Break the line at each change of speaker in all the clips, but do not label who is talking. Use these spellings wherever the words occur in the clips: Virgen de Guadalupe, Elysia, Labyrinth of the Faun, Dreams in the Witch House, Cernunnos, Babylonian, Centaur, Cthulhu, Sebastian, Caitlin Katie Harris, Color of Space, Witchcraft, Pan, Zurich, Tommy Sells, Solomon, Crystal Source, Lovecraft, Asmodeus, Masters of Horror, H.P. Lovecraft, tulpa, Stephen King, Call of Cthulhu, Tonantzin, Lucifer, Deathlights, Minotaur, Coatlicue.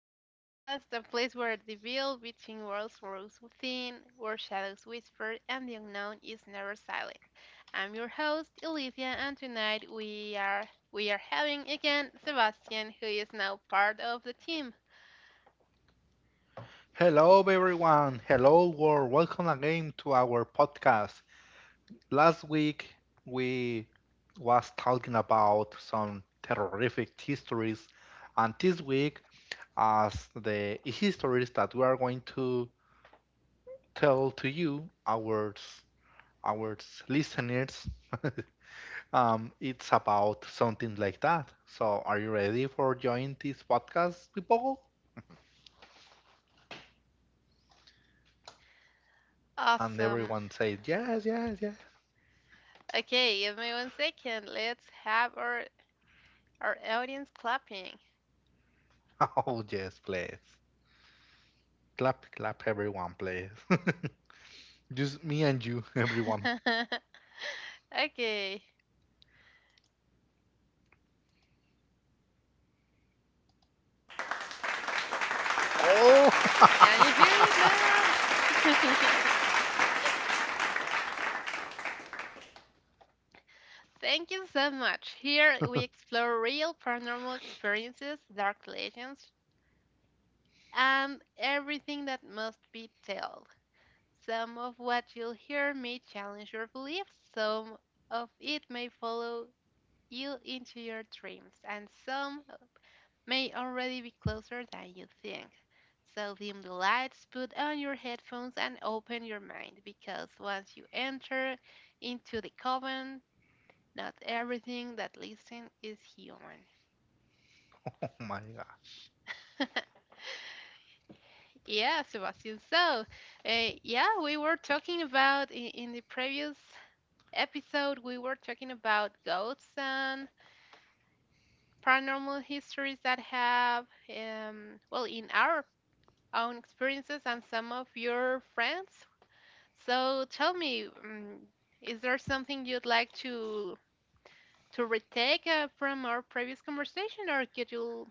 our podcast, a place where the veil between worlds grows thin, where shadows whisper, and the unknown is never silent. I'm your host, Elysia, and tonight we are having again Sebastian, who is now part of the team.
Hello, everyone. Hello, world. Welcome again to our podcast. Last week we was talking about some terrific histories, and this week, as the histories that we are going to tell to you, our listeners, it's about something like that. So, are you ready for joining this podcast, people? And
Awesome.
everyone said yes, yes, yes.
Okay, give me 1 second. Let's have our audience clapping.
Oh yes, please. Clap, clap, everyone, please. Just me and you, everyone.
Okay, can you hear
Oh,
it now? Thank you so much. Here
oh
we explore real paranormal experiences, dark legends, and everything that must be told. Some of what you'll hear may challenge your beliefs, some of it may follow you into your dreams, and some may already be closer than you think. So dim the lights, put on your headphones, and open your mind because once you enter into the coven, not everything that listens is human.
my gosh.
Yeah, Sebastian. So, yeah, we were talking about in the previous episode. We were talking about ghosts and paranormal histories that have, well, in our own experiences and some of your friends. So, tell me, is there something you'd like to retake from our previous conversation, or could you,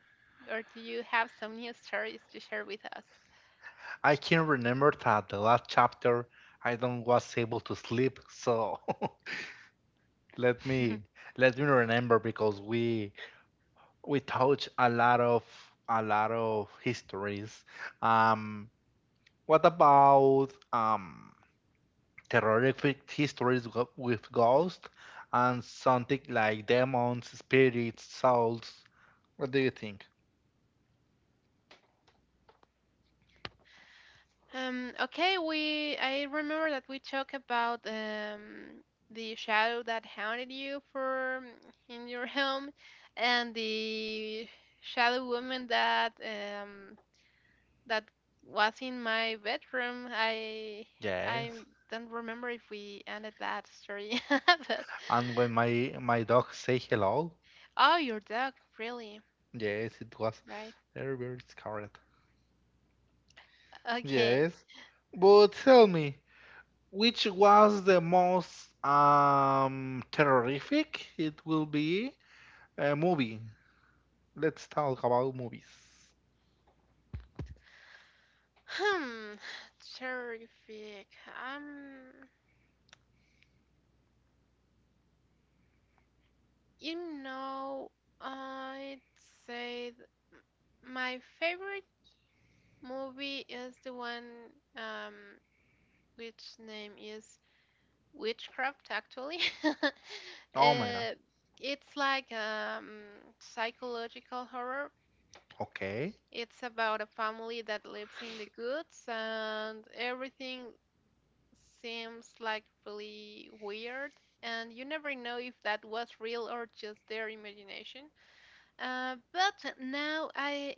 or do you have some new stories to share with us?
I can remember that the last chapter I don't was able to sleep, so let me let me remember because we touch a lot of histories. Um, what about terrific histories with ghosts and something like demons, spirits, souls. What do you think?
Okay, we I remember that we talked about the shadow that haunted you for in your home, and the shadow woman that that was in my bedroom. I
Yes.
don't remember if we ended that story, but
And when my dog say hello,
oh, your dog, really,
yes, it was
right?
very very scared.
Okay.
Yes. But tell me, which was the most terrific? It will be a movie. Let's talk about movies.
Hmm. Terrific. You know, I'd say th- my favorite movie is the one um which name is Witchcraft actually.
Oh my god.
It's like psychological horror.
Okay.
It's about a family that lives in the goods and everything seems like really weird and you never know if that was real or just their imagination, but now i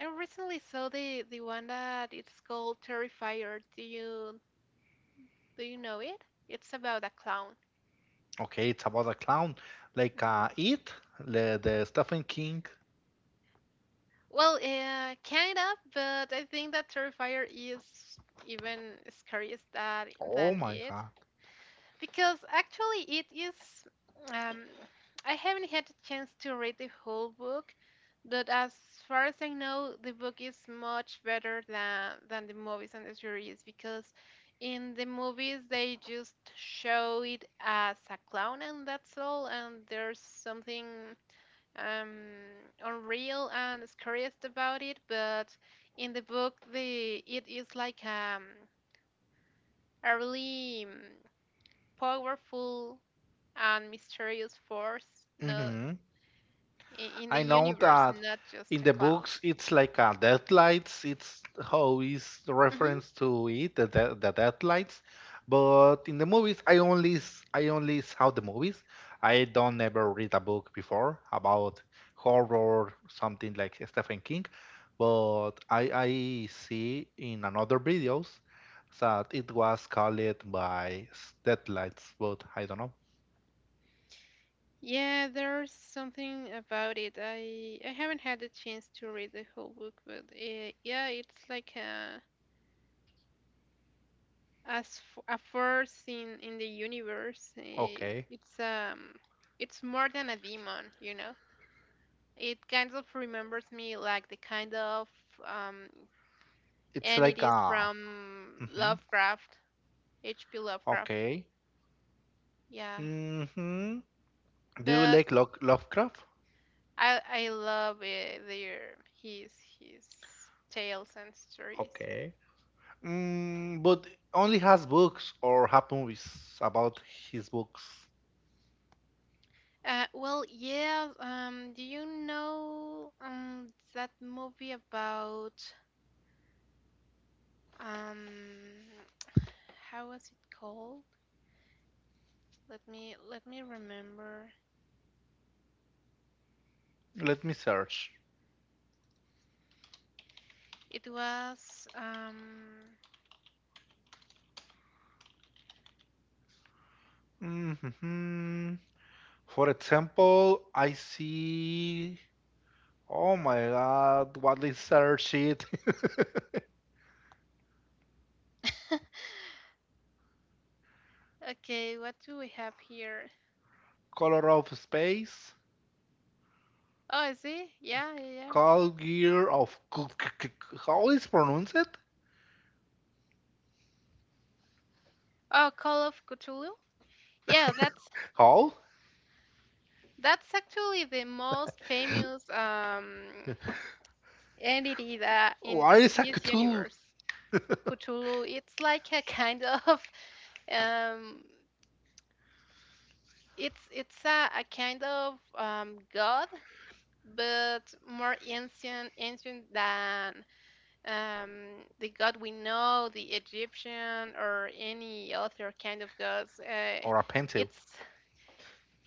i recently saw the one that it's called terrifier. Do you know it? It's about a clown.
Okay, it's about a clown, like
Mhm.
It, the Stephen King.
Well, kind of, but I think that terrifier is even scarier than
Oh my
it.
God.
Because actually, it is. Um, I haven't had the chance to read the whole book, but as far as I know, the book is much better than the movies and the series because in the movies they just show it as a clown and that's all, and there's something um, unreal and scariest about it. But in the book, the it is like a really powerful and mysterious force, no,
hmm
in the
I know
universe,
that
not just
in
a
the
clown.
books it's like a Deathlights. It's how is the
Hmm.
reference to it, the Deathlights. But in the movies, I only saw the movies. I don't never read a book before about horror, something like Stephen King. But I see in another videos that it was called by deadlights. But I don't know.
Yeah, there's something about it. I haven't had the chance to read the whole book, but yeah, it's like a a force in the universe.
Okay,
It's more than a demon, you know. It kind of remembers me like the kind of um
it's like
entities
a.
from
Mhm.
Lovecraft, H.P. Lovecraft.
Okay.
Yeah,
Mm-hmm. Do you
but
like Lovecraft?
I love their his his tales and stories.
Okay. But only has books or have movies about his books.
Well, yeah. Do you know that movie about um how was it called? Let me remember.
Let me search.
It was
hmm For example, I see. Oh my god, what is search it?
okay. What do we have here?
Color of Space,
Oh, I see. Yeah, yeah, yeah.
Call Gear of. How is pronounce it?
Oh, Call of Cthulhu. Yeah, that's
How?
That's actually the most famous entity that in,
What
in
is a
his
Cthulhu?
universe, Cthulhu. It's like a kind of um, it's a kind of god, but more ancient than the god we know, the Egyptian or any other kind of gods.
Or a Pentel?
It's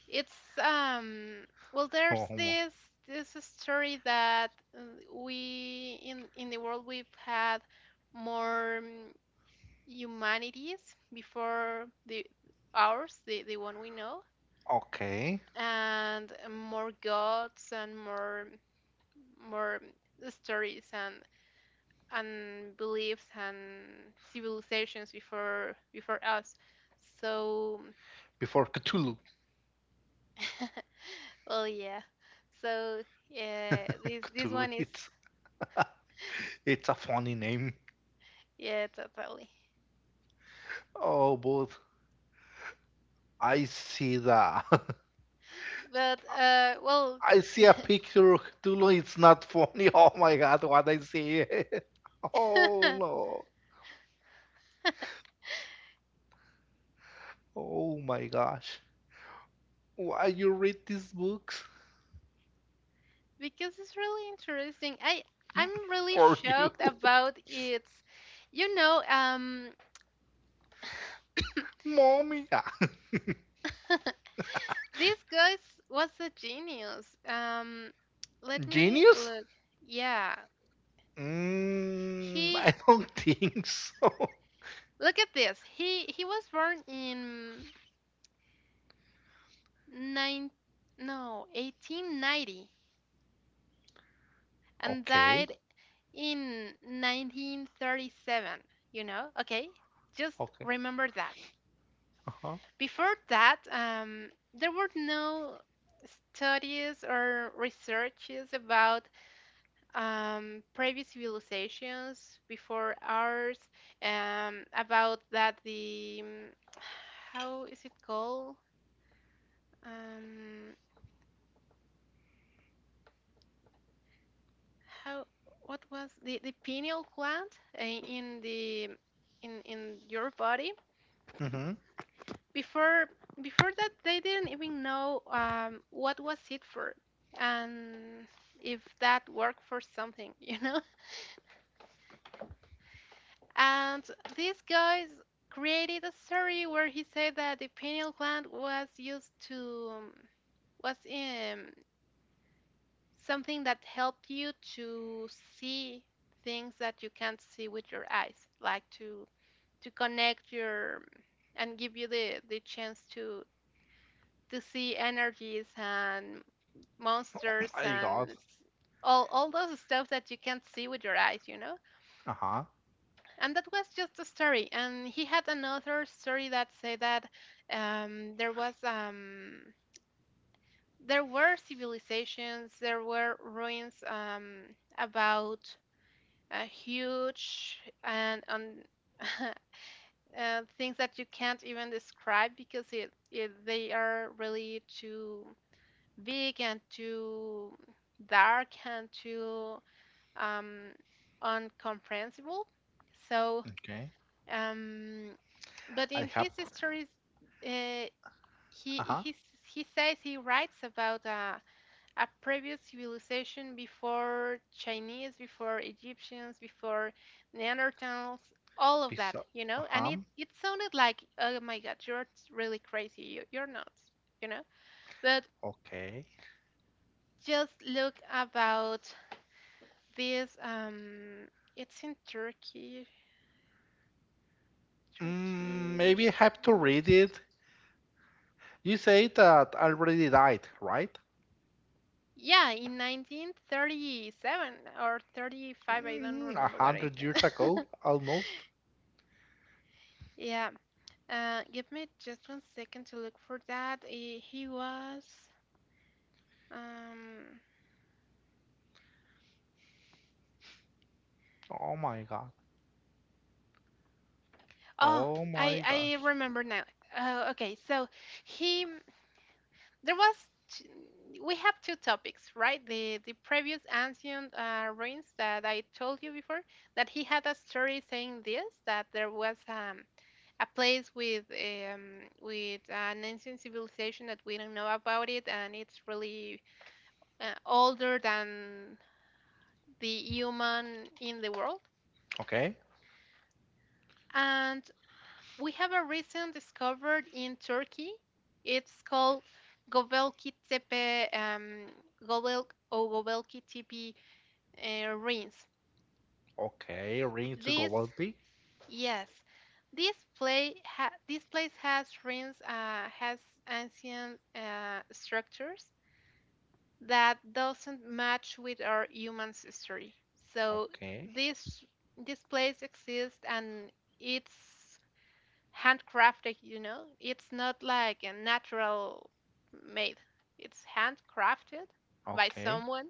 It's well there's
Oh,
this story that, uh, we in the world we've had more, humanities before the ours, the one we know,
okay.
and more gods and more stories and beliefs and civilizations before us. So
Before Cthulhu.
well yeah. So yeah, this
Cthulhu,
one is.
it's it's a funny name.
Yeah, totally.
Oh, but I see the
But well,
I see a picture of Cthulhu. It's not funny. Oh my god, what I see! Oh no! Oh my gosh! Why you read these books?
because it's really interesting. I'm really
For you,
shocked about its. You know,
mommy?
this guy was a genius. Let me
Genius?
look. Yeah, he,
I don't think so.
look at this. He was born in nine no 1890 and
Okay.
died in 1937, you know? Okay, just
Okay.
remember that.
Uh huh.
Before that, there were no studies or researches about, previous civilizations before ours, about how is it called? Um, how, what was the pineal gland, in your body.
Mm-hmm. Oh
Before before that they didn't even know, what was it for and if that worked for something. You know, and these guys created a story where he said that the pineal gland was used to, was something that helped you to see things that you can't see with your eyes, like to connect your, and give you the chance to see energies and monsters
my
and
God.
all those stuff that you can't see with your eyes, you know.
Uh huh.
And that was just a story. And he had another story that said that, um, there was um, there were civilizations, there were ruins, about, huge and on. Things that you can't even describe because it they are really too big and too dark and too, um, uncomprehensible. So,
Okay.
um, but
I
in
have
his stories, uh, he he
uh-huh
he says he writes about, a previous civilization before Chinese, before Egyptians, before Neanderthals, all of
pizza
that, you know. And it
uh-huh
it sounded like, oh my God, you're really crazy. You're nuts, you know. But
okay.
just look about this. It's in Turkey. Turkish.
Maybe I have to read
nurse-
it. You say that already died, right?
Yeah, in 1937 or 35, I don't
A
remember what I
hundred years ago,
said.
almost.
Yeah. Give me just 1 second to look for that. Eh, he was. Um.
Oh my god.
Oh,
Oh my
I
gosh.
remember now. Okay, so he there was. T- we have two topics, right? The previous ancient, ruins that I told you before, that he had a story saying this, that there was a place with, with an ancient civilization that we don't know about it, and it's really, older than the human in the world.
Okay.
And we have a recent discovered in Turkey. It's called Göbekli Tepe, Göbel or Göbekli Tepe, ruins.
Okay. Rings
This,
Gobaldi.
yes, this play ha- this place has ruins, has ancient, structures that doesn't match with our human's history. So
Okay.
this this place exists, and it's handcrafted, you know. It's not like a natural made. It's handcrafted by
Okay.
someone,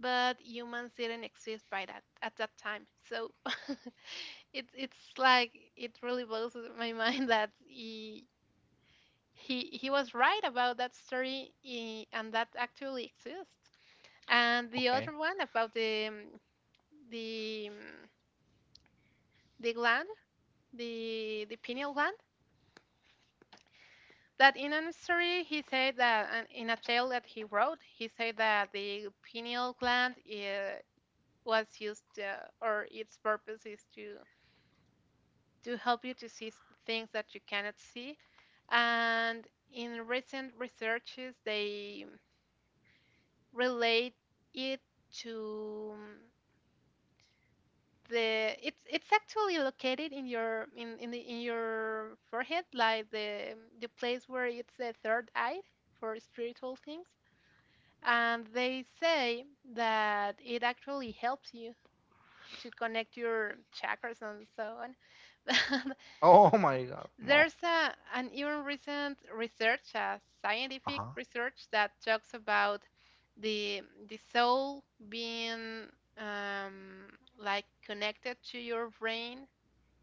but humans didn't exist by that at that time. So it's like it really blows my mind that he was right about that story, eh, and that actually exists. And the
Okay.
other one about the, the um, the gland, the pineal gland. That in an story he said that, and in a tale that he wrote, he said that the pineal gland, was used, or its purpose is to help you to see things that you cannot see. And in recent researches, they relate it to, mm, the it's actually located in your in the in your forehead, like the place where it's the third eye for spiritual things. And they say that it actually helps you to connect your chakras and so on.
Oh my god. No.
There's a, an even recent research, a scientific
Uh-huh.
research that talks about the soul being, um, like connected to your brain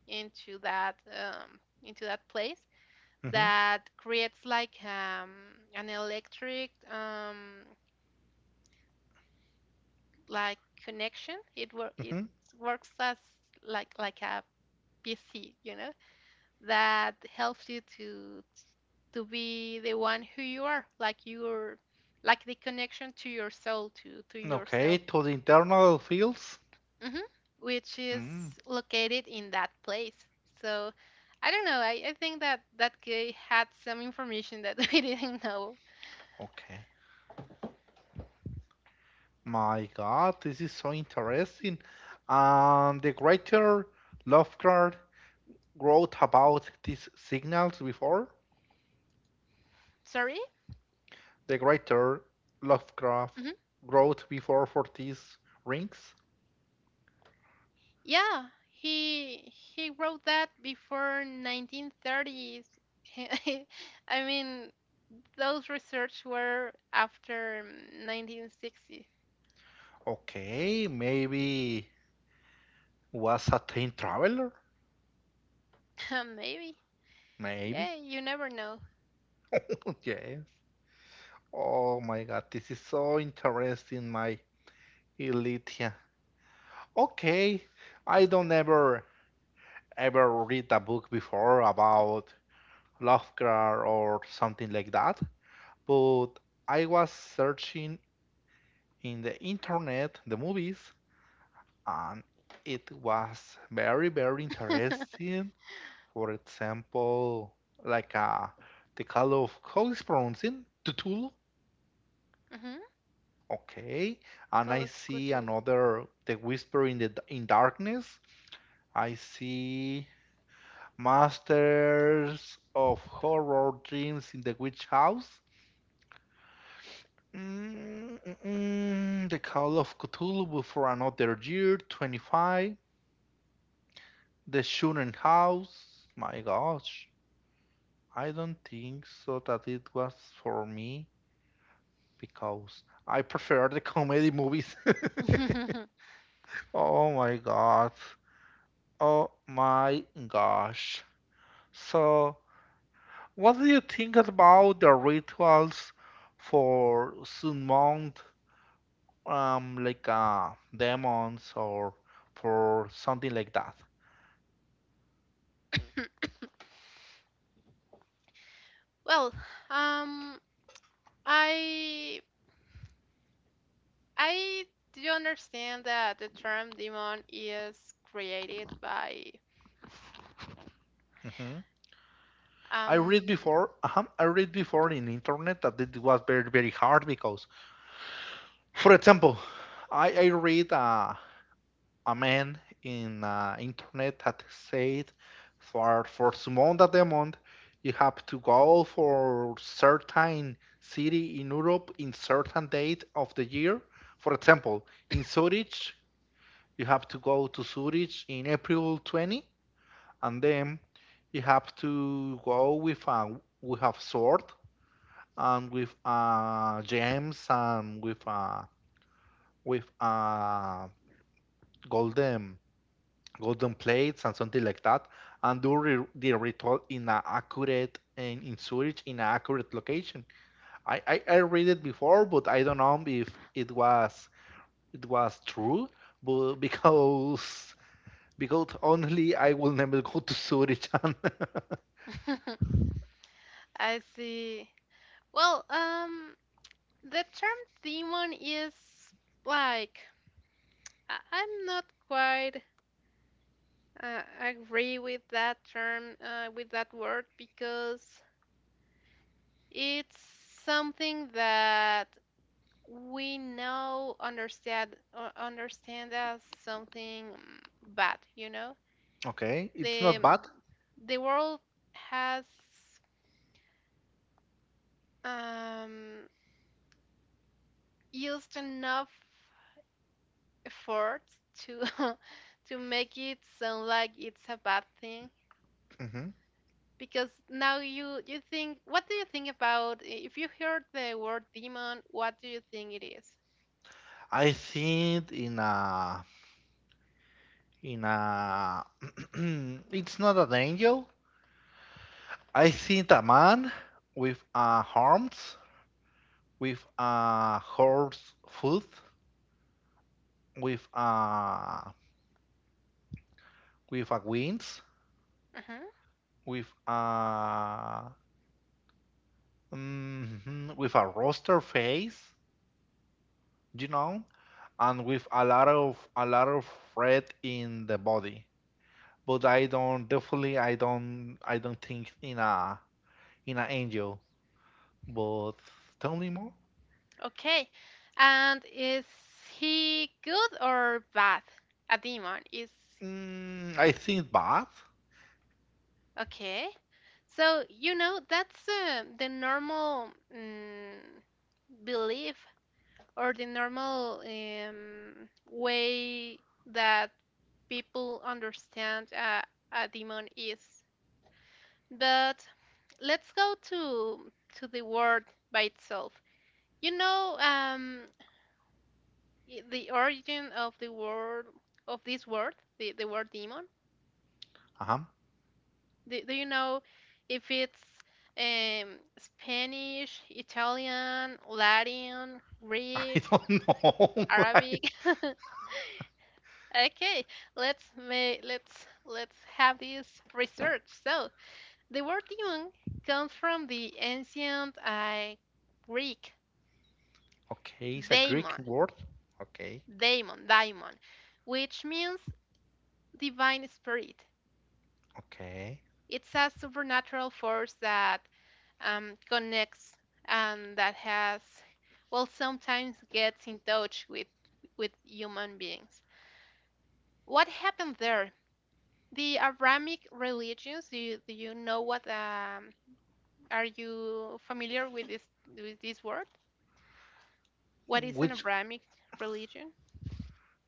into that, into that place
Mm-hmm.
that creates like, an electric, like connection. It
Mm-hmm.
works as like a PC, you know, that helps you to be the one who you are, like your, like the connection to your soul, to
Okay.
yourself.
To the internal fields.
Hmm. Which is
Mm,
located in that place. So I don't know. I think that that guy had some information that we didn't know.
okay. My God, this is so interesting. And the greater Lovecraft wrote about these signals before?
Sorry?
The greater Lovecraft
Hmm.
wrote before for these rings?
Yeah, he wrote that before 1930s. I mean, those research were after 1960.
Okay, maybe was a time traveler?
Maybe. Yeah,
Maybe.
you never know.
Yes. Oh my God, this is so interesting, my Elitia. Okay, I don't ever ever read a book before about Lovecraft or something like that. But I was searching in the internet the movies and it was very very interesting. For example, like the call of how is pronouncing Tutul.
Hmm.
Okay, and
Call
I
of
see
Cthulhu.
another the whisper in the in darkness. I see Masters of Horror Dreams in the Witch House. The Call of Cthulhu for another year, 25. The Shooting House. My gosh, I don't think so that it was for me because I prefer the comedy movies. Oh my god. Oh my gosh. So, what do you think about the rituals for Sun Mound like demons or for something like that?
Well, um, I I do understand that the term demon is created by
hmm
um
I read before in internet that it was very very hard because, for example, I read a man in internet that said, for summon the demon you have to go for certain city in Europe in certain date of the year. For example, in Zurich. You have to go to Zurich in April 20, and then you have to go with a sword and with gems and with golden golden plates and something like that, and do the ritual in an accurate in, Zurich in an accurate location. I read it before, but I don't know if it was true, but because only I will never go to Zurich.
I see. Well, the term demon is like, I'm not quite agree with that term, with that word, because it's something that we now understand, as something, bad, you know?
Okay, it's
The
not bad.
world has, um, used enough efforts to to make it sound like it's a bad thing,
Mhm.
because now you think, what do you think about if you heard the word demon, what do you think it is?
I think in a it's not an angel. I think a man with arms, with a horse foot, with a wings,
Mhm.
with a mhm, with a roster face, you know, and with a lot of red in the body. But I don't definitely I don't think in a in an angel. But tell me more.
Okay, and is he good or bad? A demon is.
I think bad.
Okay, so you know that's, the normal, belief or the normal, way that people understand, a demon is. But let's go to the word by itself. You know, the origin of the word of this word, the word demon.
Uh-huh.
Do you know if it's um, Spanish, Italian, Latin,
I
Greek,
don't know. I-
Arabic? Okay, let's have this research. So, the word demon comes from the ancient Greek
okay, it's a Greek
daemon,
word. Okay,
daemon, daemon, which means divine spirit.
okay.
It's a supernatural force that connects and that has, well, sometimes gets in touch with human beings. What happened there? The Abrahamic religions. Do you know what are you familiar with this word? What is an
Which
Abrahamic religion?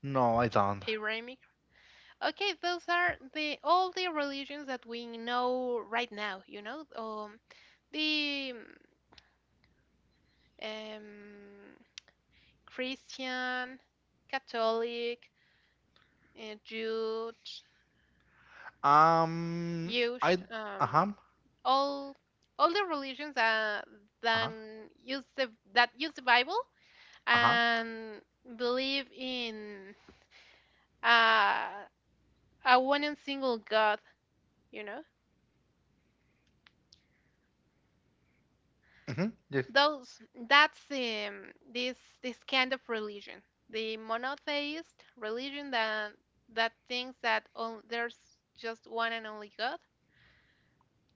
no, I don't.
Abrahamic. Okay, those are the all the religions that we know right now. You know, the um, Christian, Catholic, Jude,
Um, I
Jewish,
uh-huh,
all the religions that
uh-huh,
then use the that use the Bible
uh-huh.
and believe in uh, a one and single God, you know.
Yes.
Those that's this kind of religion, the monotheist religion that thinks that there's just one and only God.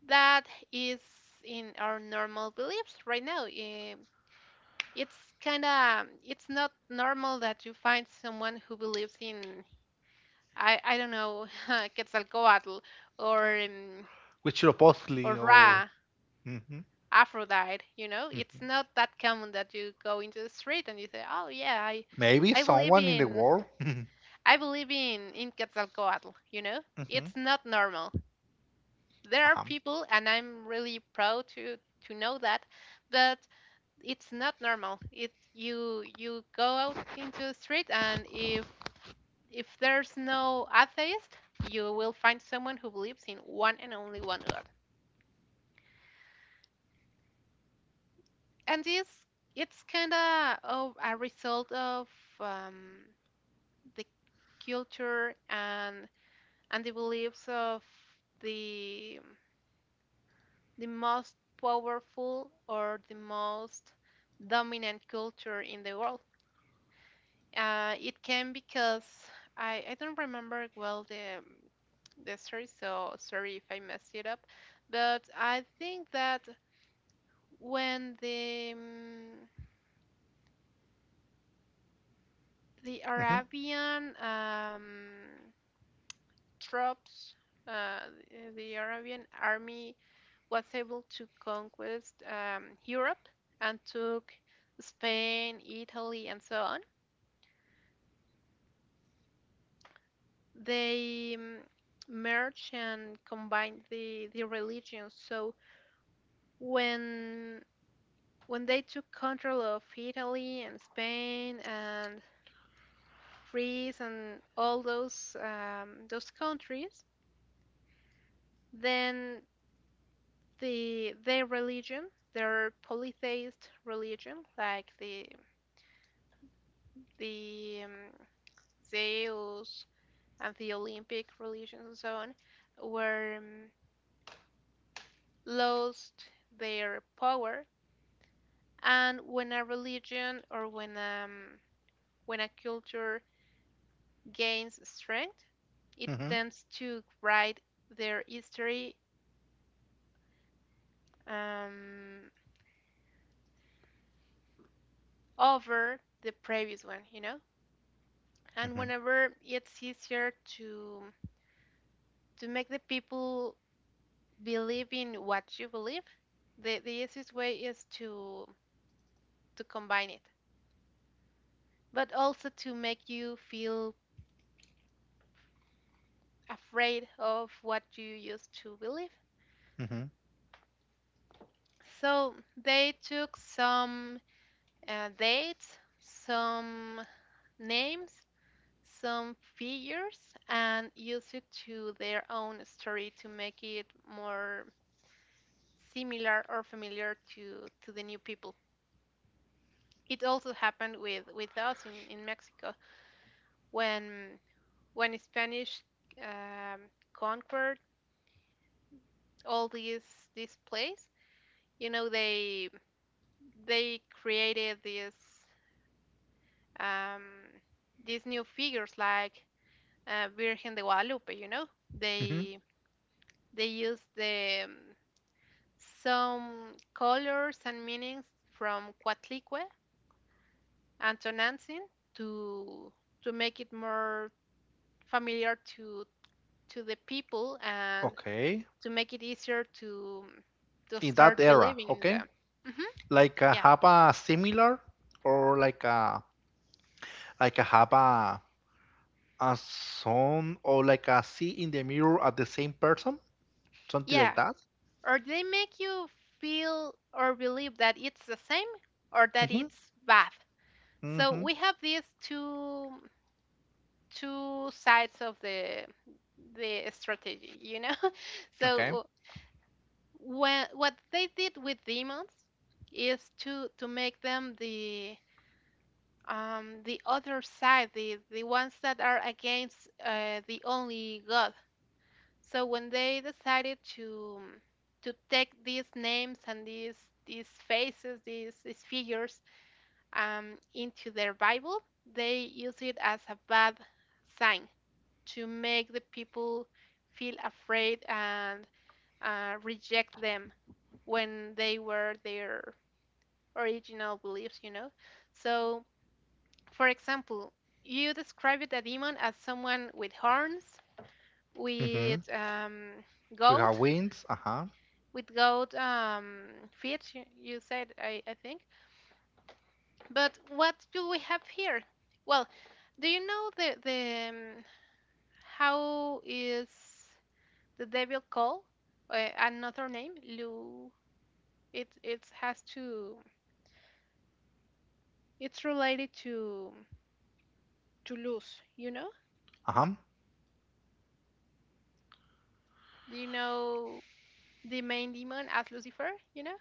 That is in our normal beliefs right now. It's kind of it's not normal that you find someone who believes in I don't know Quetzalcoatl or um,
Which
or
supposedly or
Ra,
mhm,
Aphrodite, you know? It's
mhm.
not that common that you go into the street and you say, "Oh yeah,
Maybe
I believe
someone in the
in
world.
I believe in Quetzalcoatl," you know?
hmm
It's not normal. There are
Uh-huh.
people and I'm really proud to know that, but it's not normal. It you go out into the street and if there's no atheist, you will find someone who believes in one and only one God. And this it's kind of a result of um, the culture and the beliefs of the most powerful or the most dominant culture in the world. It came because I don't remember well the story, so sorry if I messed it up, but I think that when the
hmm
Arabian troops, the Arabian army was able to conquest Europe and took Spain, Italy, and so on. They merged and combined the religions. So when when they took control of Italy and Spain and Greece and all those countries, then their religion, their polytheist religion, like the the um, Zeus and the Olympic religions and so on, were lost their power. And when a religion or when a culture gains strength, it
hmm
tends to write their history, um, over the previous one, you know. And
hmm
whenever it's easier to make the people believe in what you believe, the easiest way is to combine it, but also to make you feel afraid of what you used to believe.
hmm
So they took some dates, some names, some figures, and used it to their own story to make it more similar or familiar to the new people. It also happened with us in Mexico when Spanish um, conquered all these this place. You know they created um, these new figures like Virgen de Guadalupe. You know
hmm
they used the some colors and meanings from Coatlicue and Tonantzin to make it more familiar to the people and
Okay.
to make it easier to
In that
start
era,
believing in
okay?
them. Hmm
Like
Yeah,
have a similar or like a have a son or like a see in the mirror at the same person? Something like
yeah.
that?
Or they make you feel or believe that it's the same or that
Mm-hmm.
it's bad. So
Mm-hmm.
we have these two sides of the strategy, you know.
Okay.
So when, what they did with demons is to make them the other side, the ones that are against the only God. So when they decided to take these names and these faces, these figures into their Bible, they use it as a bad sign to make the people feel afraid and reject them when they were their original beliefs, you know. So for example, you described a demon as someone with horns,
Mm-hmm.
with
We
goat,
have winds. Uh-huh.
with goat feet. You said, I think. But what do we have here? Well, do you know the how is the devil called? Another name, Lu. It has to. It's related to Luz. You know?
Uh-huh.
Do you know the main demon as Lucifer? You know?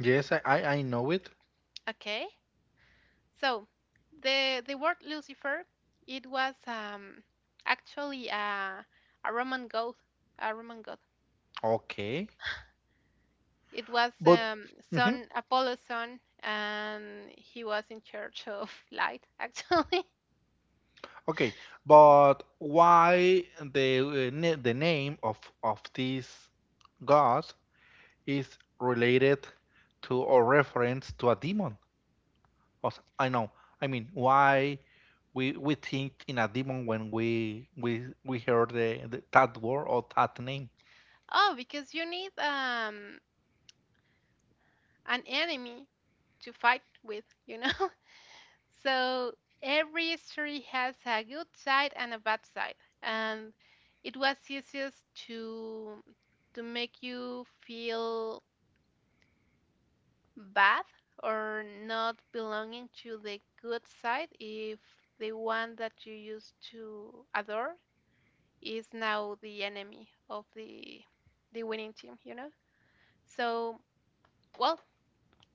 Yes, I know it.
Okay. So, the word Lucifer, it was actually a Roman god, a Roman god.
Okay.
It was
But mm-hmm.
son Apollo's son, and he was in charge of light, actually.
Okay. But why the name of this god is related to or reference to a demon. I know. I mean, why we think in a demon when we hear the that word or that name.
Oh, because you need an enemy to fight with, you know. So every story has a good side and a bad side, and it was easiest to make you feel bad or not belonging to the good side if the one that you used to adore is now the enemy of the winning team, you know. So well,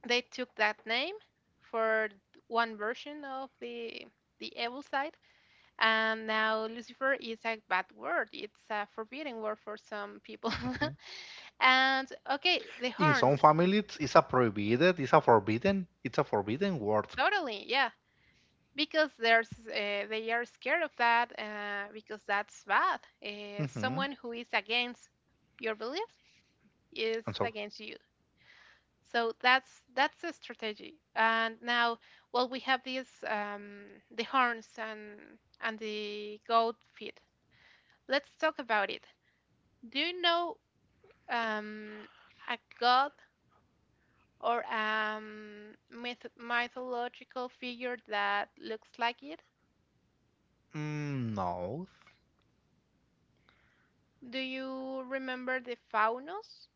they took that name for one version of the evil side. And now Lucifer is a bad word, it's a forbidden word for some people.
Mhm.
And okay, the
In
horns,
some families, it's a forbidden word.
totally, yeah, because there's they are scared of that because that's bad.
Mm-hmm.
Someone who is against your beliefs is
I'm sorry.
against you. So that's a strategy. And now, well, we have these the horns and the goat feet. Let's talk about it. Do you know um, a god or mythological figure that looks like it?
No,
Do you remember the Faunos?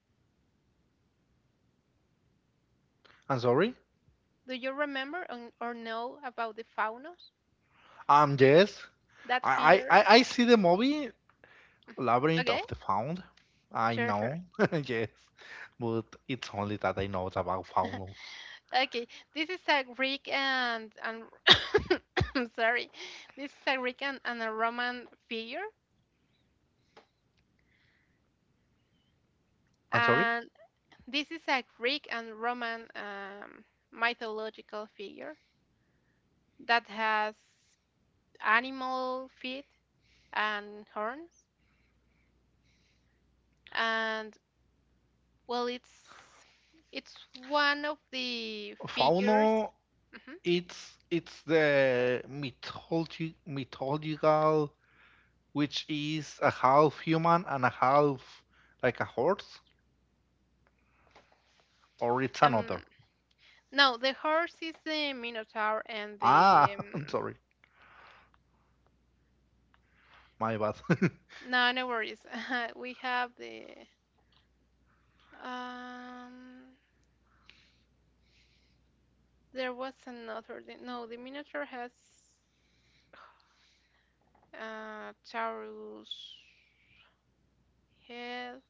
I'm sorry.
Do you remember on, or know about the Faunos?
Yes,
That
I, I,
figure?
I I see the movie. Labyrinth
Okay,
of the Found. I
sure, sure.
know, yes, but it's only that I know about Faunos.
Okay, this is a Greek and I'm sorry, this is a Greek and a Roman figure,
I'm sorry?
and this is a Greek and Roman mythological figure that has animal feet and horns, and well, it's one of the figures.
Fauno, it's the mythology mythological, which is a half human and a half like a horse, or it's another.
Mhm. No, the horse is the Minotaur and the
Ah, I'm sorry, my bad.
no, no worries. We have the um. There was another. No, the Minotaur has Taurus head.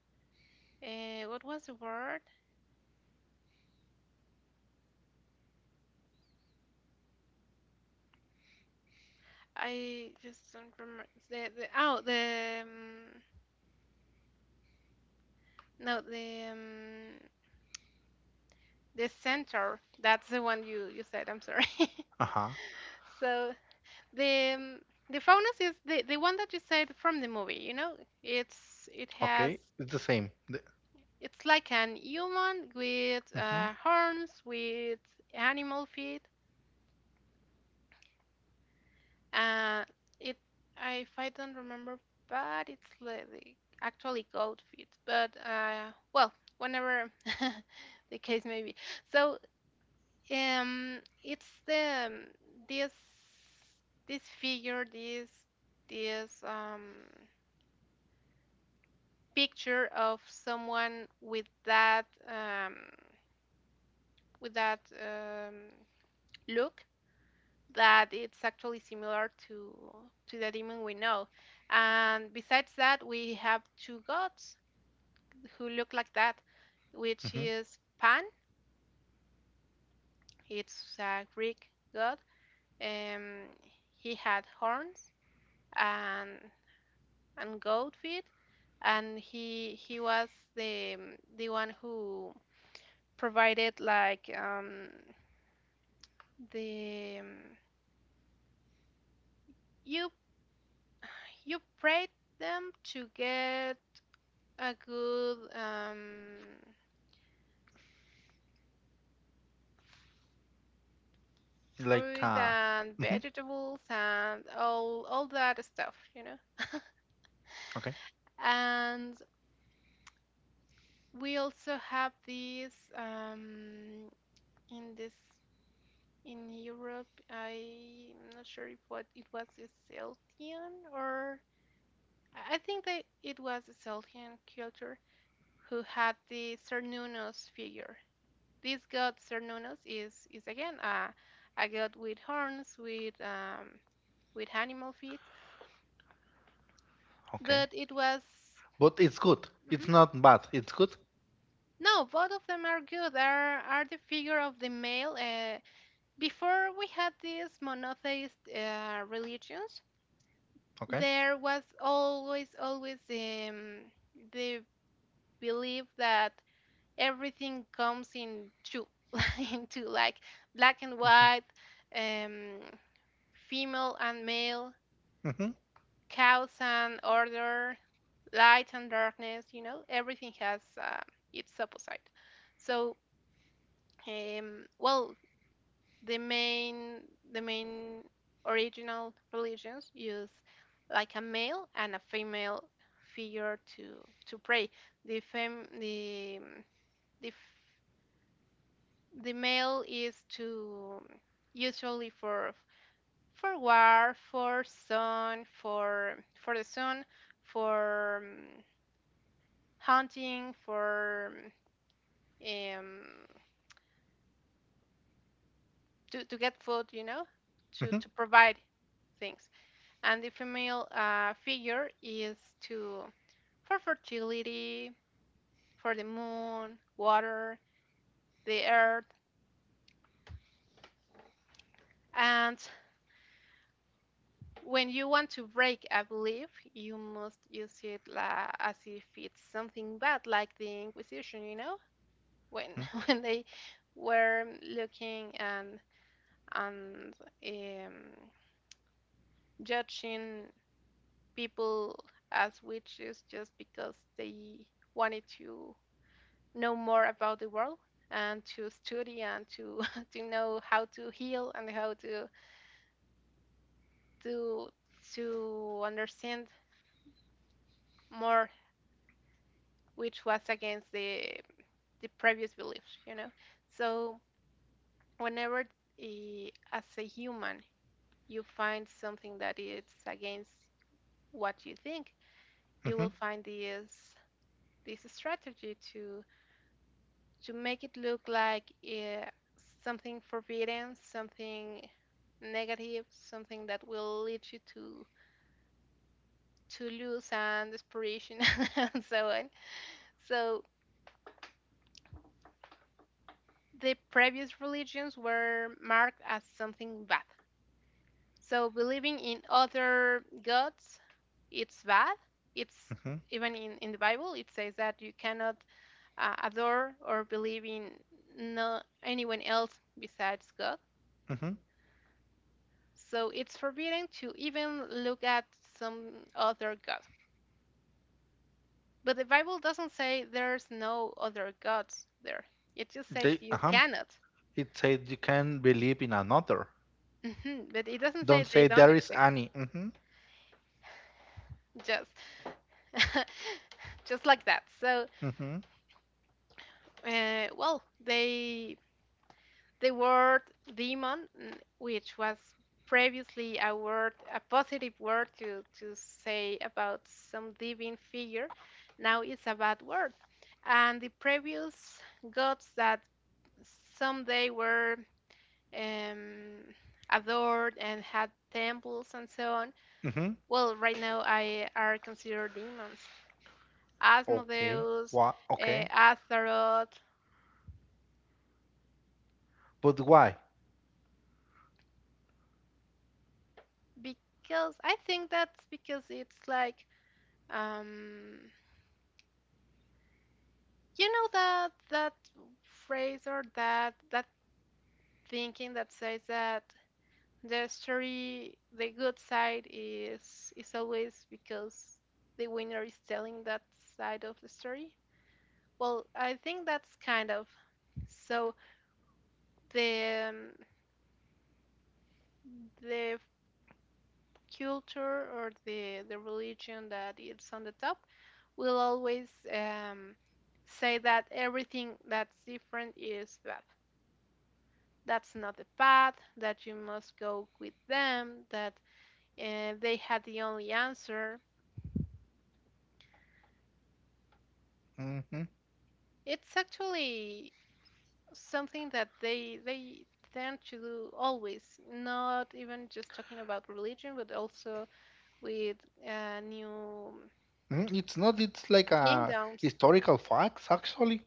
What was the word? I just don't remember. The oh the no the the centaur. That's the one you said. I'm sorry.
Uh-huh.
So the the Faunus is the one that you said from the movie. You know, it has
Okay, it's the same. The,
it's like an human with
hmm
horns, with animal feet. Uh, it I- if I don't remember, but it's like actually goat feet. But well, whenever the case may be. So it's the this figure, this this um. picture of someone with that look that it's actually similar to the demon we know. And besides that, we have two gods who look like that, which
hmm.
is Pan. It's a Greek god. Um, he had horns and goat feet, and he was the one who provided like the you you prayed them to get a good
Like
fruit and
hmm.
vegetables and all that stuff, you know.
Okay,
And we also have this in this in Europe. I'm not sure if what it was a Celtian or I think that it was a Celtian culture who had the Cernunnos figure. This god Cernunnos is again a god with horns, with animal feet,
okay,
but it was
but it's good.
mhm.
It's not bad. It's good.
No, both of them are good. Are the figure of the male. Before we had these monotheist religions,
Okay.
there was always the belief that everything comes in two, into like black and
Mhm,
white, um, female and male,
mhm,
chaos and order, light and darkness, you know, everything has its opposite. So, well, the main the main original religions use like a male and a female figure to pray. The fem the the male is to usually for for sun, for the sun, for hunting for um, to get food, you know,
mhm,
to provide things. And the female figure is to for fertility, for the moon, water, the earth. And when you want to break a belief, you must use it as if it's something bad, like the Inquisition, you know, when when they were looking and and um, judging people as witches just because they wanted to know more about the world and to study and to to know how to heal and how to to to understand more, which was against the previous beliefs, you know. So whenever as a human you find something that is against what you think, you will
mhm,
find this strategy to make it look like something forbidden, something negative, something that will lead you to lose and desperation and so on. So the previous religions were marked as something bad. So believing in other gods, it's bad. It's
mhm,
even in the Bible, it says that you cannot adore or believe in no anyone else besides God.
mhm.
So it's forbidden to even look at some other god. But the Bible doesn't say there's no other gods there. It just said you
Uh-huh.
cannot.
It says you can believe in another.
Mhm, but it doesn't
Don't
say they
say
don't
there is
exist.
any. Mhm,
Just, just like that.
mhm,
Uh, well, they The word demon, which was previously a word, a positive word to say about some divine figure, now it's a bad word. And the previous gods that someday were um, adored and had temples and so on,
mhm.
well, right now I are considered demons.
Okay.
Asmodeus,
Why? Okay.
Astaroth,
But why?
because I think that's because it's like um you know that phrase or that thinking that says that the story, the good side is always because the winner is telling that side of the story. Well, I think that's kind of so the um, the culture or the religion that it's on the top will always um, say that everything that's different is bad. That's not the path, that you must go with them, that they had the only answer.
Mhm,
It's actually something that they tend to do always, not even just talking about religion, but also with new
mhm. It's not. It's like a
kingdoms.
historical facts, actually.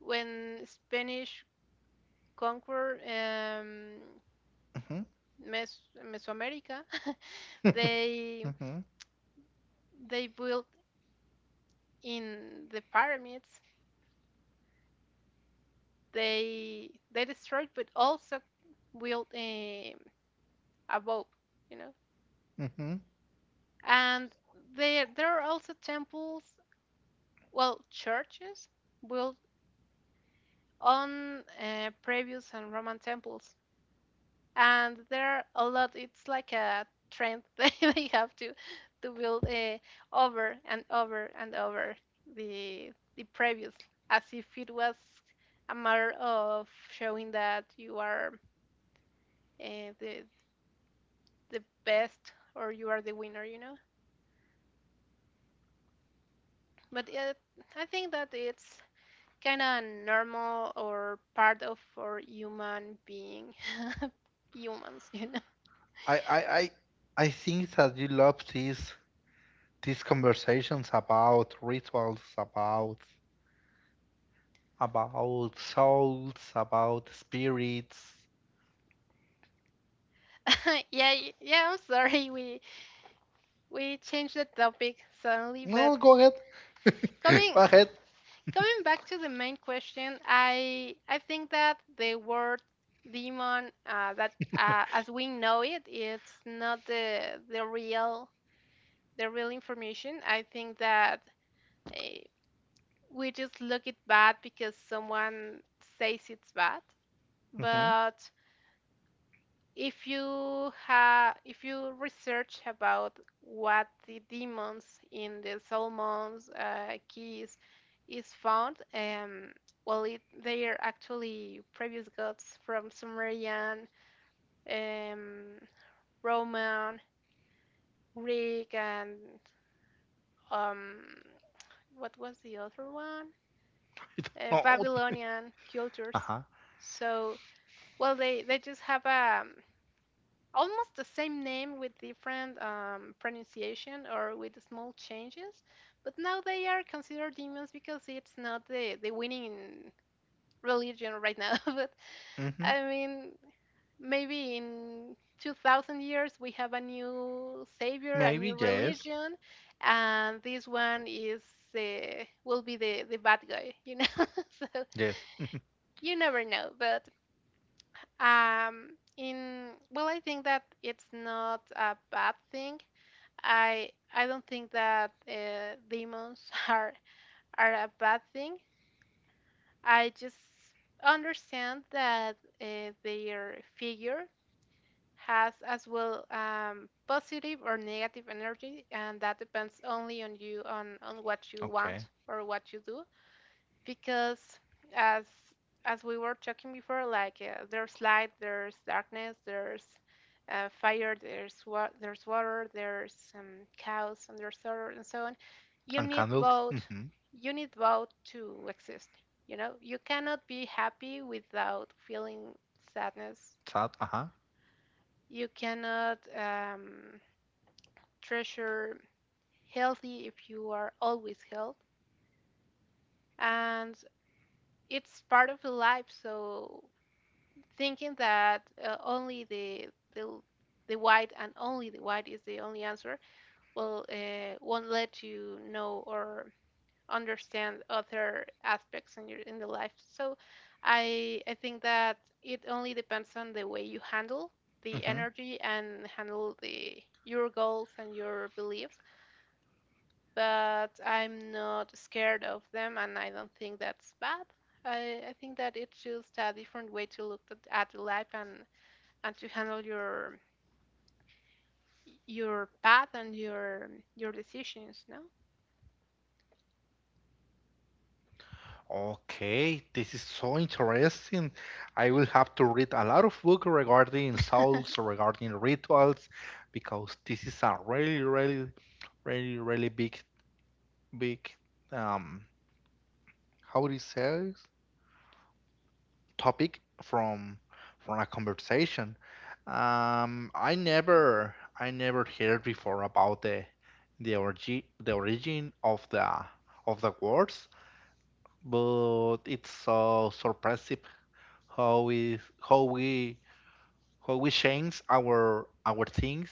When Spanish conquer
Mhm,
Mesoamerica, they
mhm,
they built in the pyramids they destroyed but also built above, you know,
mhm.
and there are also temples, well, churches built on previous and roman temples, and there are a lot, it's like a trend that they have to build over and over and over the previous, as if it was a matter of showing that you are uh, the the best or you are the winner, you know. But it, I think that it's kind of normal or part of our human being, humans, you know.
I, I, I, I think that you love these conversations about rituals, about souls, about spirits.
Yeah, yeah. I'm sorry, we changed the topic suddenly, but
No, go ahead. Go
coming
ahead.
coming back to the main question, I think that the word demon, that as we know it, it's not the the real information. I think that. Uh, we just look it bad because someone says it's bad.
hmm.
But if you have, if you research about what the demons in the Solomon's keys is found, well, it, they are actually previous gods from Sumerian, um, Roman, Greek, and um, what was the other one?
No.
Babylonian cultures.
Uh-huh.
So, well, they just have almost the same name with different pronunciation or with small changes, but now they are considered demons because it's not the the winning religion right now. But
hmm
I mean, maybe in 2000 years we have a new savior, a
Maybe
new
yes.
religion, and this one is will be the bad guy, you know. So
Yes.
you never know, but in well, I think that it's not a bad thing. I don't think that demons are a bad thing. I just understand that their figure has as well positive or negative energy, and that depends only on you, on what you
Okay.
want or what you do, because as as we were talking before, like, there's light, there's darkness, there's fire, there's there's water, there's cows, and there's sorrow, and so on. You
And
need
candles.
both. You need both to exist. You know, you cannot be happy without feeling sadness.
Sad. Uh-huh.
You cannot treasure healthy if you are always health, and it's part of the life. So thinking that only the the white and only the white is the only answer will won't let you know or understand other aspects in your in the life. So I think that it only depends on the way you handle the
hmm.
energy and handle the your goals and your beliefs. But I'm not scared of them, and I don't think that's bad. I think that it's just a different way to look at life and to handle your path and your decisions, no.
Okay, this is so interesting. I will have to read a lot of books regarding souls, regarding rituals, because this is a really, really, really, really big, big, um, how do you say? Topic from a conversation. I never heard before about the origin of the words, but it's so surprising how we change our things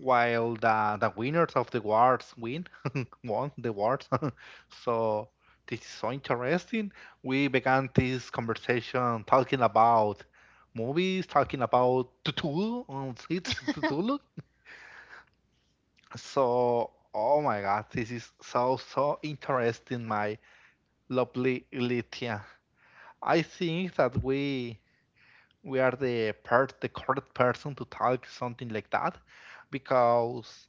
while the winners of the awards win won the awards. So this is so interesting. We began this conversation talking about movies, talking about Cthulhu and it's Cthulhu. So oh my god, this is so so interesting, my lovely Lithia. I think that we are the correct person to talk something like that, because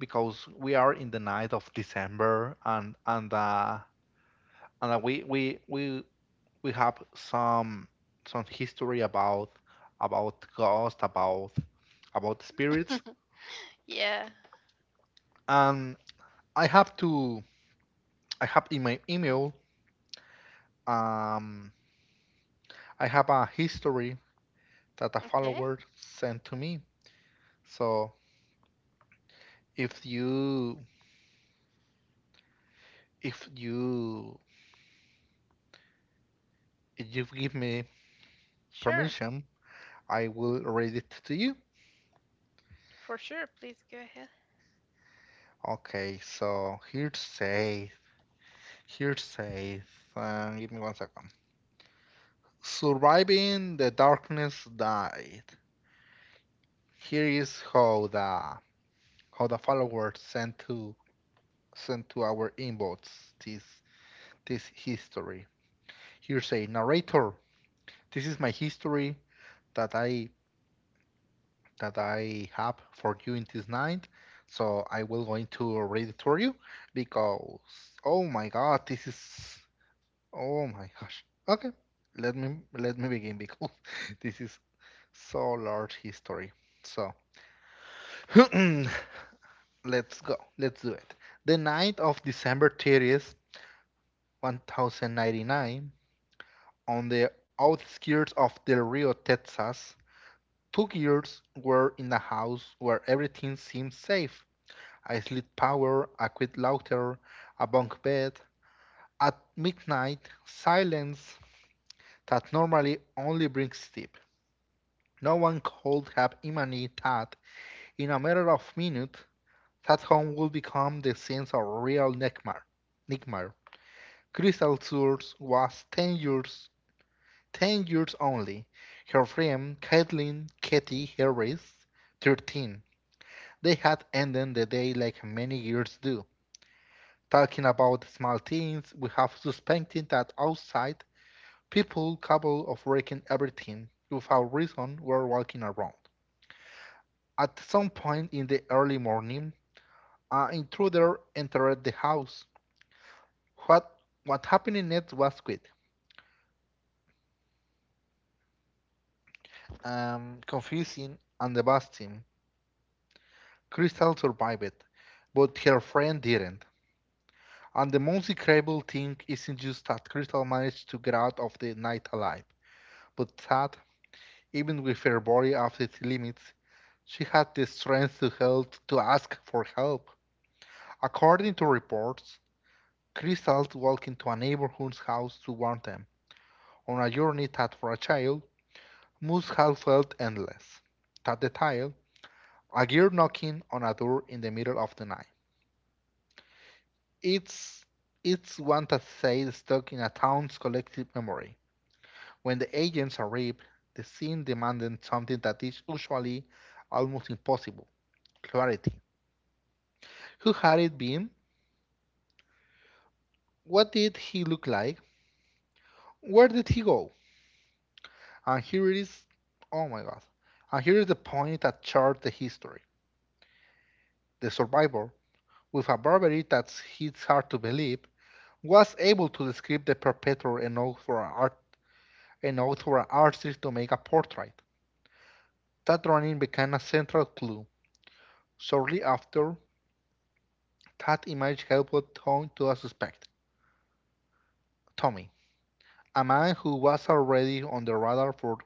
because we are in the night of December, and we have some history about ghosts, about spirits.
Yeah.
And I have to I have in my email, um I have a history that a
Okay.
follower sent to me. So if you if you if you give me
Sure,
permission, I will read it to you.
for sure, please go ahead.
Okay, so here it says, give me one second. Surviving the darkness died. Here is how the followers sent to our inbox this this history. Here say narrator, this is my history that I that I have for you in this night. So I will going to read it for you because oh my god, this is Oh my gosh. Okay, let me begin because this is so large history. So let's go. Let's do it. The night of December 30th, 1099, on the outskirts of Del Rio, Texas, two girls were in a house where everything seemed safe. A slit power, a quick louder, a bunk bed. At midnight, silence that normally only brings sleep. No one could have imagined that, in a matter of minutes, that home would become the scene of a real nightmare. Crystal Source was 10 years, 10 years only. Her friend, Caitlin Katie Harris, 13. They had ended the day like many years do. Talking about small things, we have suspected that outside, people capable of wrecking everything without reason were walking around. At some point in the early morning, an intruder entered the house. What what happened next was quick, confusing, and devastating. Crystal survived, but her friend didn't. And the most incredible thing isn't just that Crystal managed to get out of the night alive, but that, even with her body at its limits, she had the strength to help to ask for help. According to reports, Crystal walked into a neighborhood house to warn them on a journey that for a child must have felt endless. That detail, a girl knocking on a door in the middle of the night. It's it's one that stays stuck in a town's collective memory. When the agents arrive, the scene demanded something that is usually almost impossible clarity. Who had it been? What did he look like? Where did he go? And here it is, oh my god. And here is the point that charts the history. The survivor, with a bravery that it's hard to believe, was able to describe the perpetrator and author an artist to make a portrait. That drawing became a central clue. Shortly after, that image helped Tom to a suspect, Tommy, a man who was already on the radar for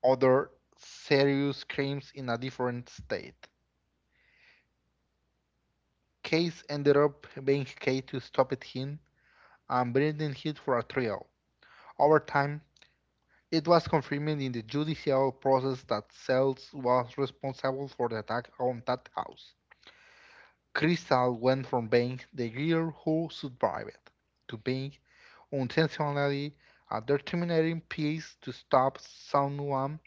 other serious crimes in a different state. Case ended up being key to stopping him and bringing him for a trial. Over time, it was confirmed in the judicial process that Sells was responsible for the attack on that house. Crystal went from being the girl who survived to being intentionally a determining piece to stop someone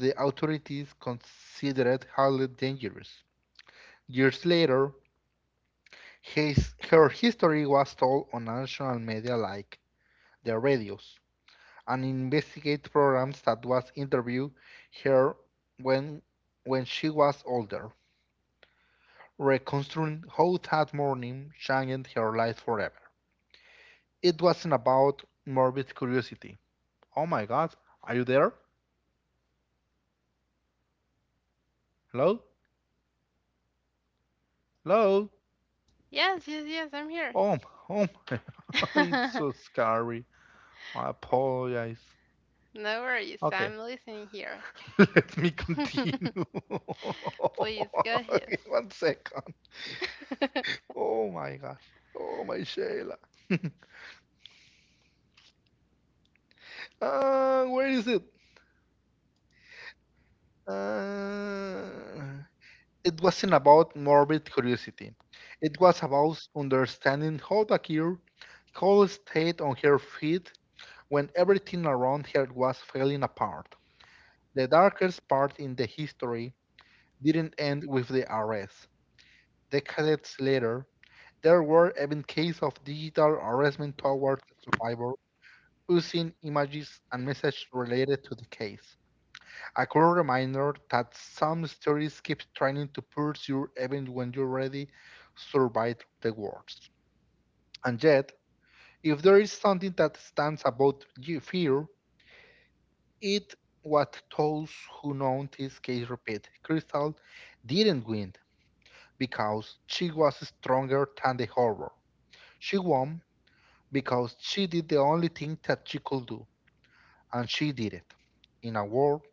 the authorities considered highly dangerous. Years later, her history was told on national media like the radios and investigate programs that was interviewed her when when she was older, reconstructing how that morning changed her life forever. It wasn't about morbid curiosity. Oh my god, are you there? Hello? Hello?
Yes, yes, yes, I'm here.
Oh, m- oh my, it's so scary. I apologize.
No worries,
Okay,
I'm listening here.
let me continue.
Please go ahead.
One second. Oh my gosh. Oh my Sheila. Where is it? Uh, it wasn't about morbid curiosity. It was about understanding how Bakir Cole stayed on her feet when everything around her was falling apart. The darkest part in the history didn't end with the arrest. Decades later, there were even cases of digital harassment towards survivors using images and messages related to the case. A cool reminder that some stories keep trying to push you even when you already survived the worst. And yet, if there is something that stands about ye- fear, it what those who know this case repeat. Crystal didn't win because she was stronger than the horror. She won because she did the only thing that she could do, and she did it. In a world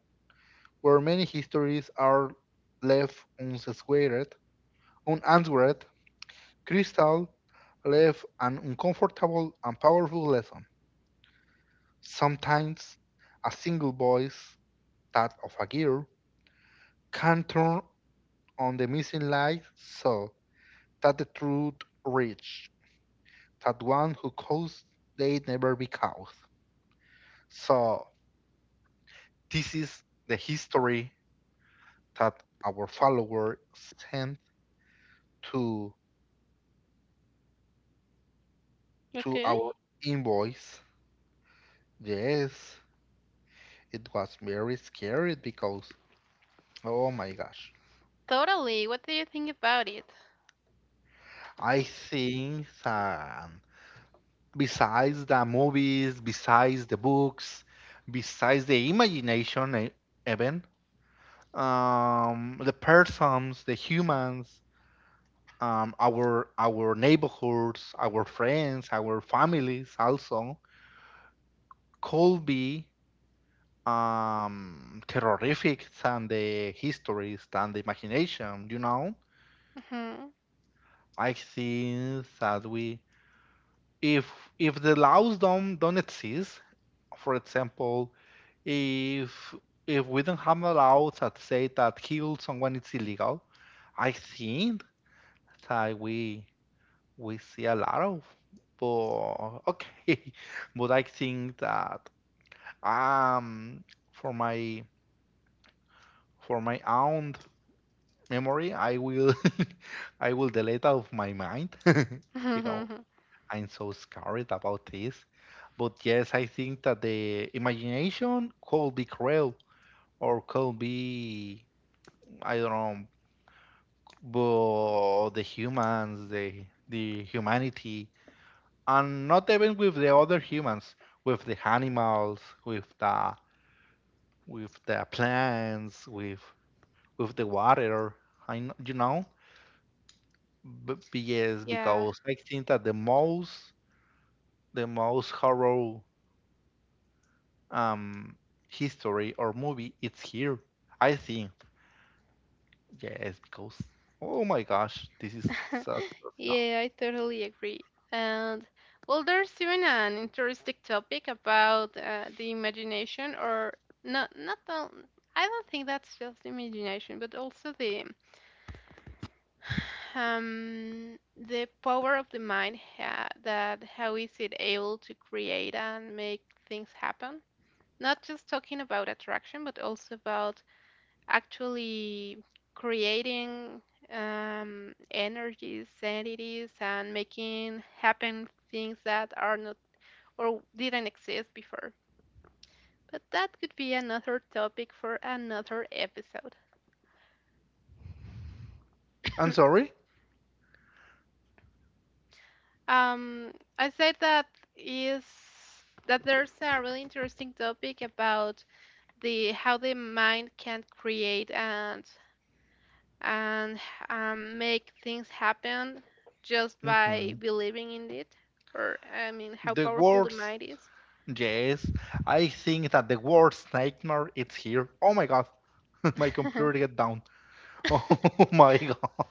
where many histories are left unsquared, unanswered, Crystal left an uncomfortable and powerful lesson. Sometimes, a single voice, that of a girl, can turn on the missing light so that the truth reaches that one who caused they never be caused. So, this is the history that our follower sent to to
Okay.
our invoice. Yes, it was very scary because oh my gosh.
Totally. What do you think about it?
I think that besides the movies, besides the books, besides the imagination e- even, the persons, the humans, our neighborhoods, our friends, our families also could be terrific than the histories, than the imagination, you know?
Mhm.
I think that we if if the laws don't exist, for example, if if we don't have a law that say that kill someone is illegal, I think that we see a lot of but okay. But I think that um for my for my own memory I will I will delete out of my mind because I'm so scared about this. But yes, I think that the imagination could be cruel or could be, I don't know, but the humans, the humanity, and not even with the other humans, with the animals, with the with the plants, with the water. I know, you know, but yes,
Yeah.
because I think that the most horror um, history or movie, it's here. I think yes, because oh my gosh, this is such a song.
Yeah, I totally agree. And well, there's even an interesting topic about the imagination, or not all, I don't think that's just imagination, but also the power of the mind ha that how is it able to create and make things happen. Not just talking about attraction, but also about actually creating energies, entities, and making happen things that are not or didn't exist before. But that could be another topic for another episode.
I'm sorry.
um, I said that is that there's a really interesting topic about the how the mind can create and make things happen just by
Hmm.
believing in it, or I mean how
The
powerful the
words,
mind is.
yes, I think that the word nightmare it's here. Oh my god, my computer get down. Oh my god.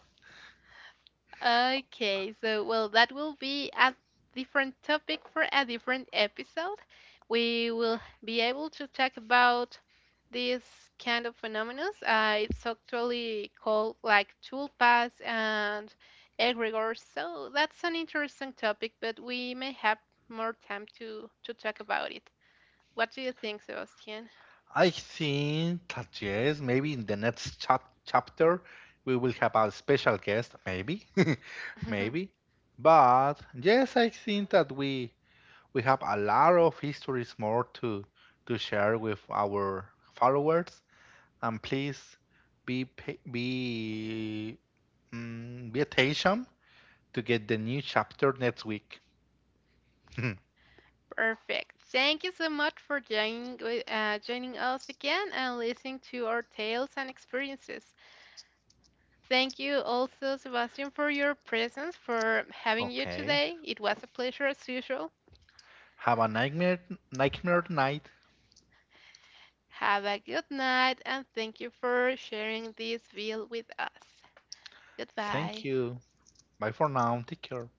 Okay, so well, that will be a different topic for a different episode. We will be able to talk about this kind of phenomena, it's actually called like tulpas and egregores. So that's an interesting topic, but we may have more time to talk about it. What do you think, Sebastian?
I think that yes, maybe in the next chat chapter we will have a special guest, maybe, maybe. But yes, I think that we have a lot of histories more to share with our followers and please be be attention to get the new chapter next week
Perfect. Thank you so much for joining joining us again and listening to our tales and experiences. Thank you also, Sebastian, for your presence, for having you
okay
today. It was a pleasure as usual.
have a nightmare nightmare night
Have a good night and thank you for sharing this meal with us.
thank
Goodbye.
you bye for now take care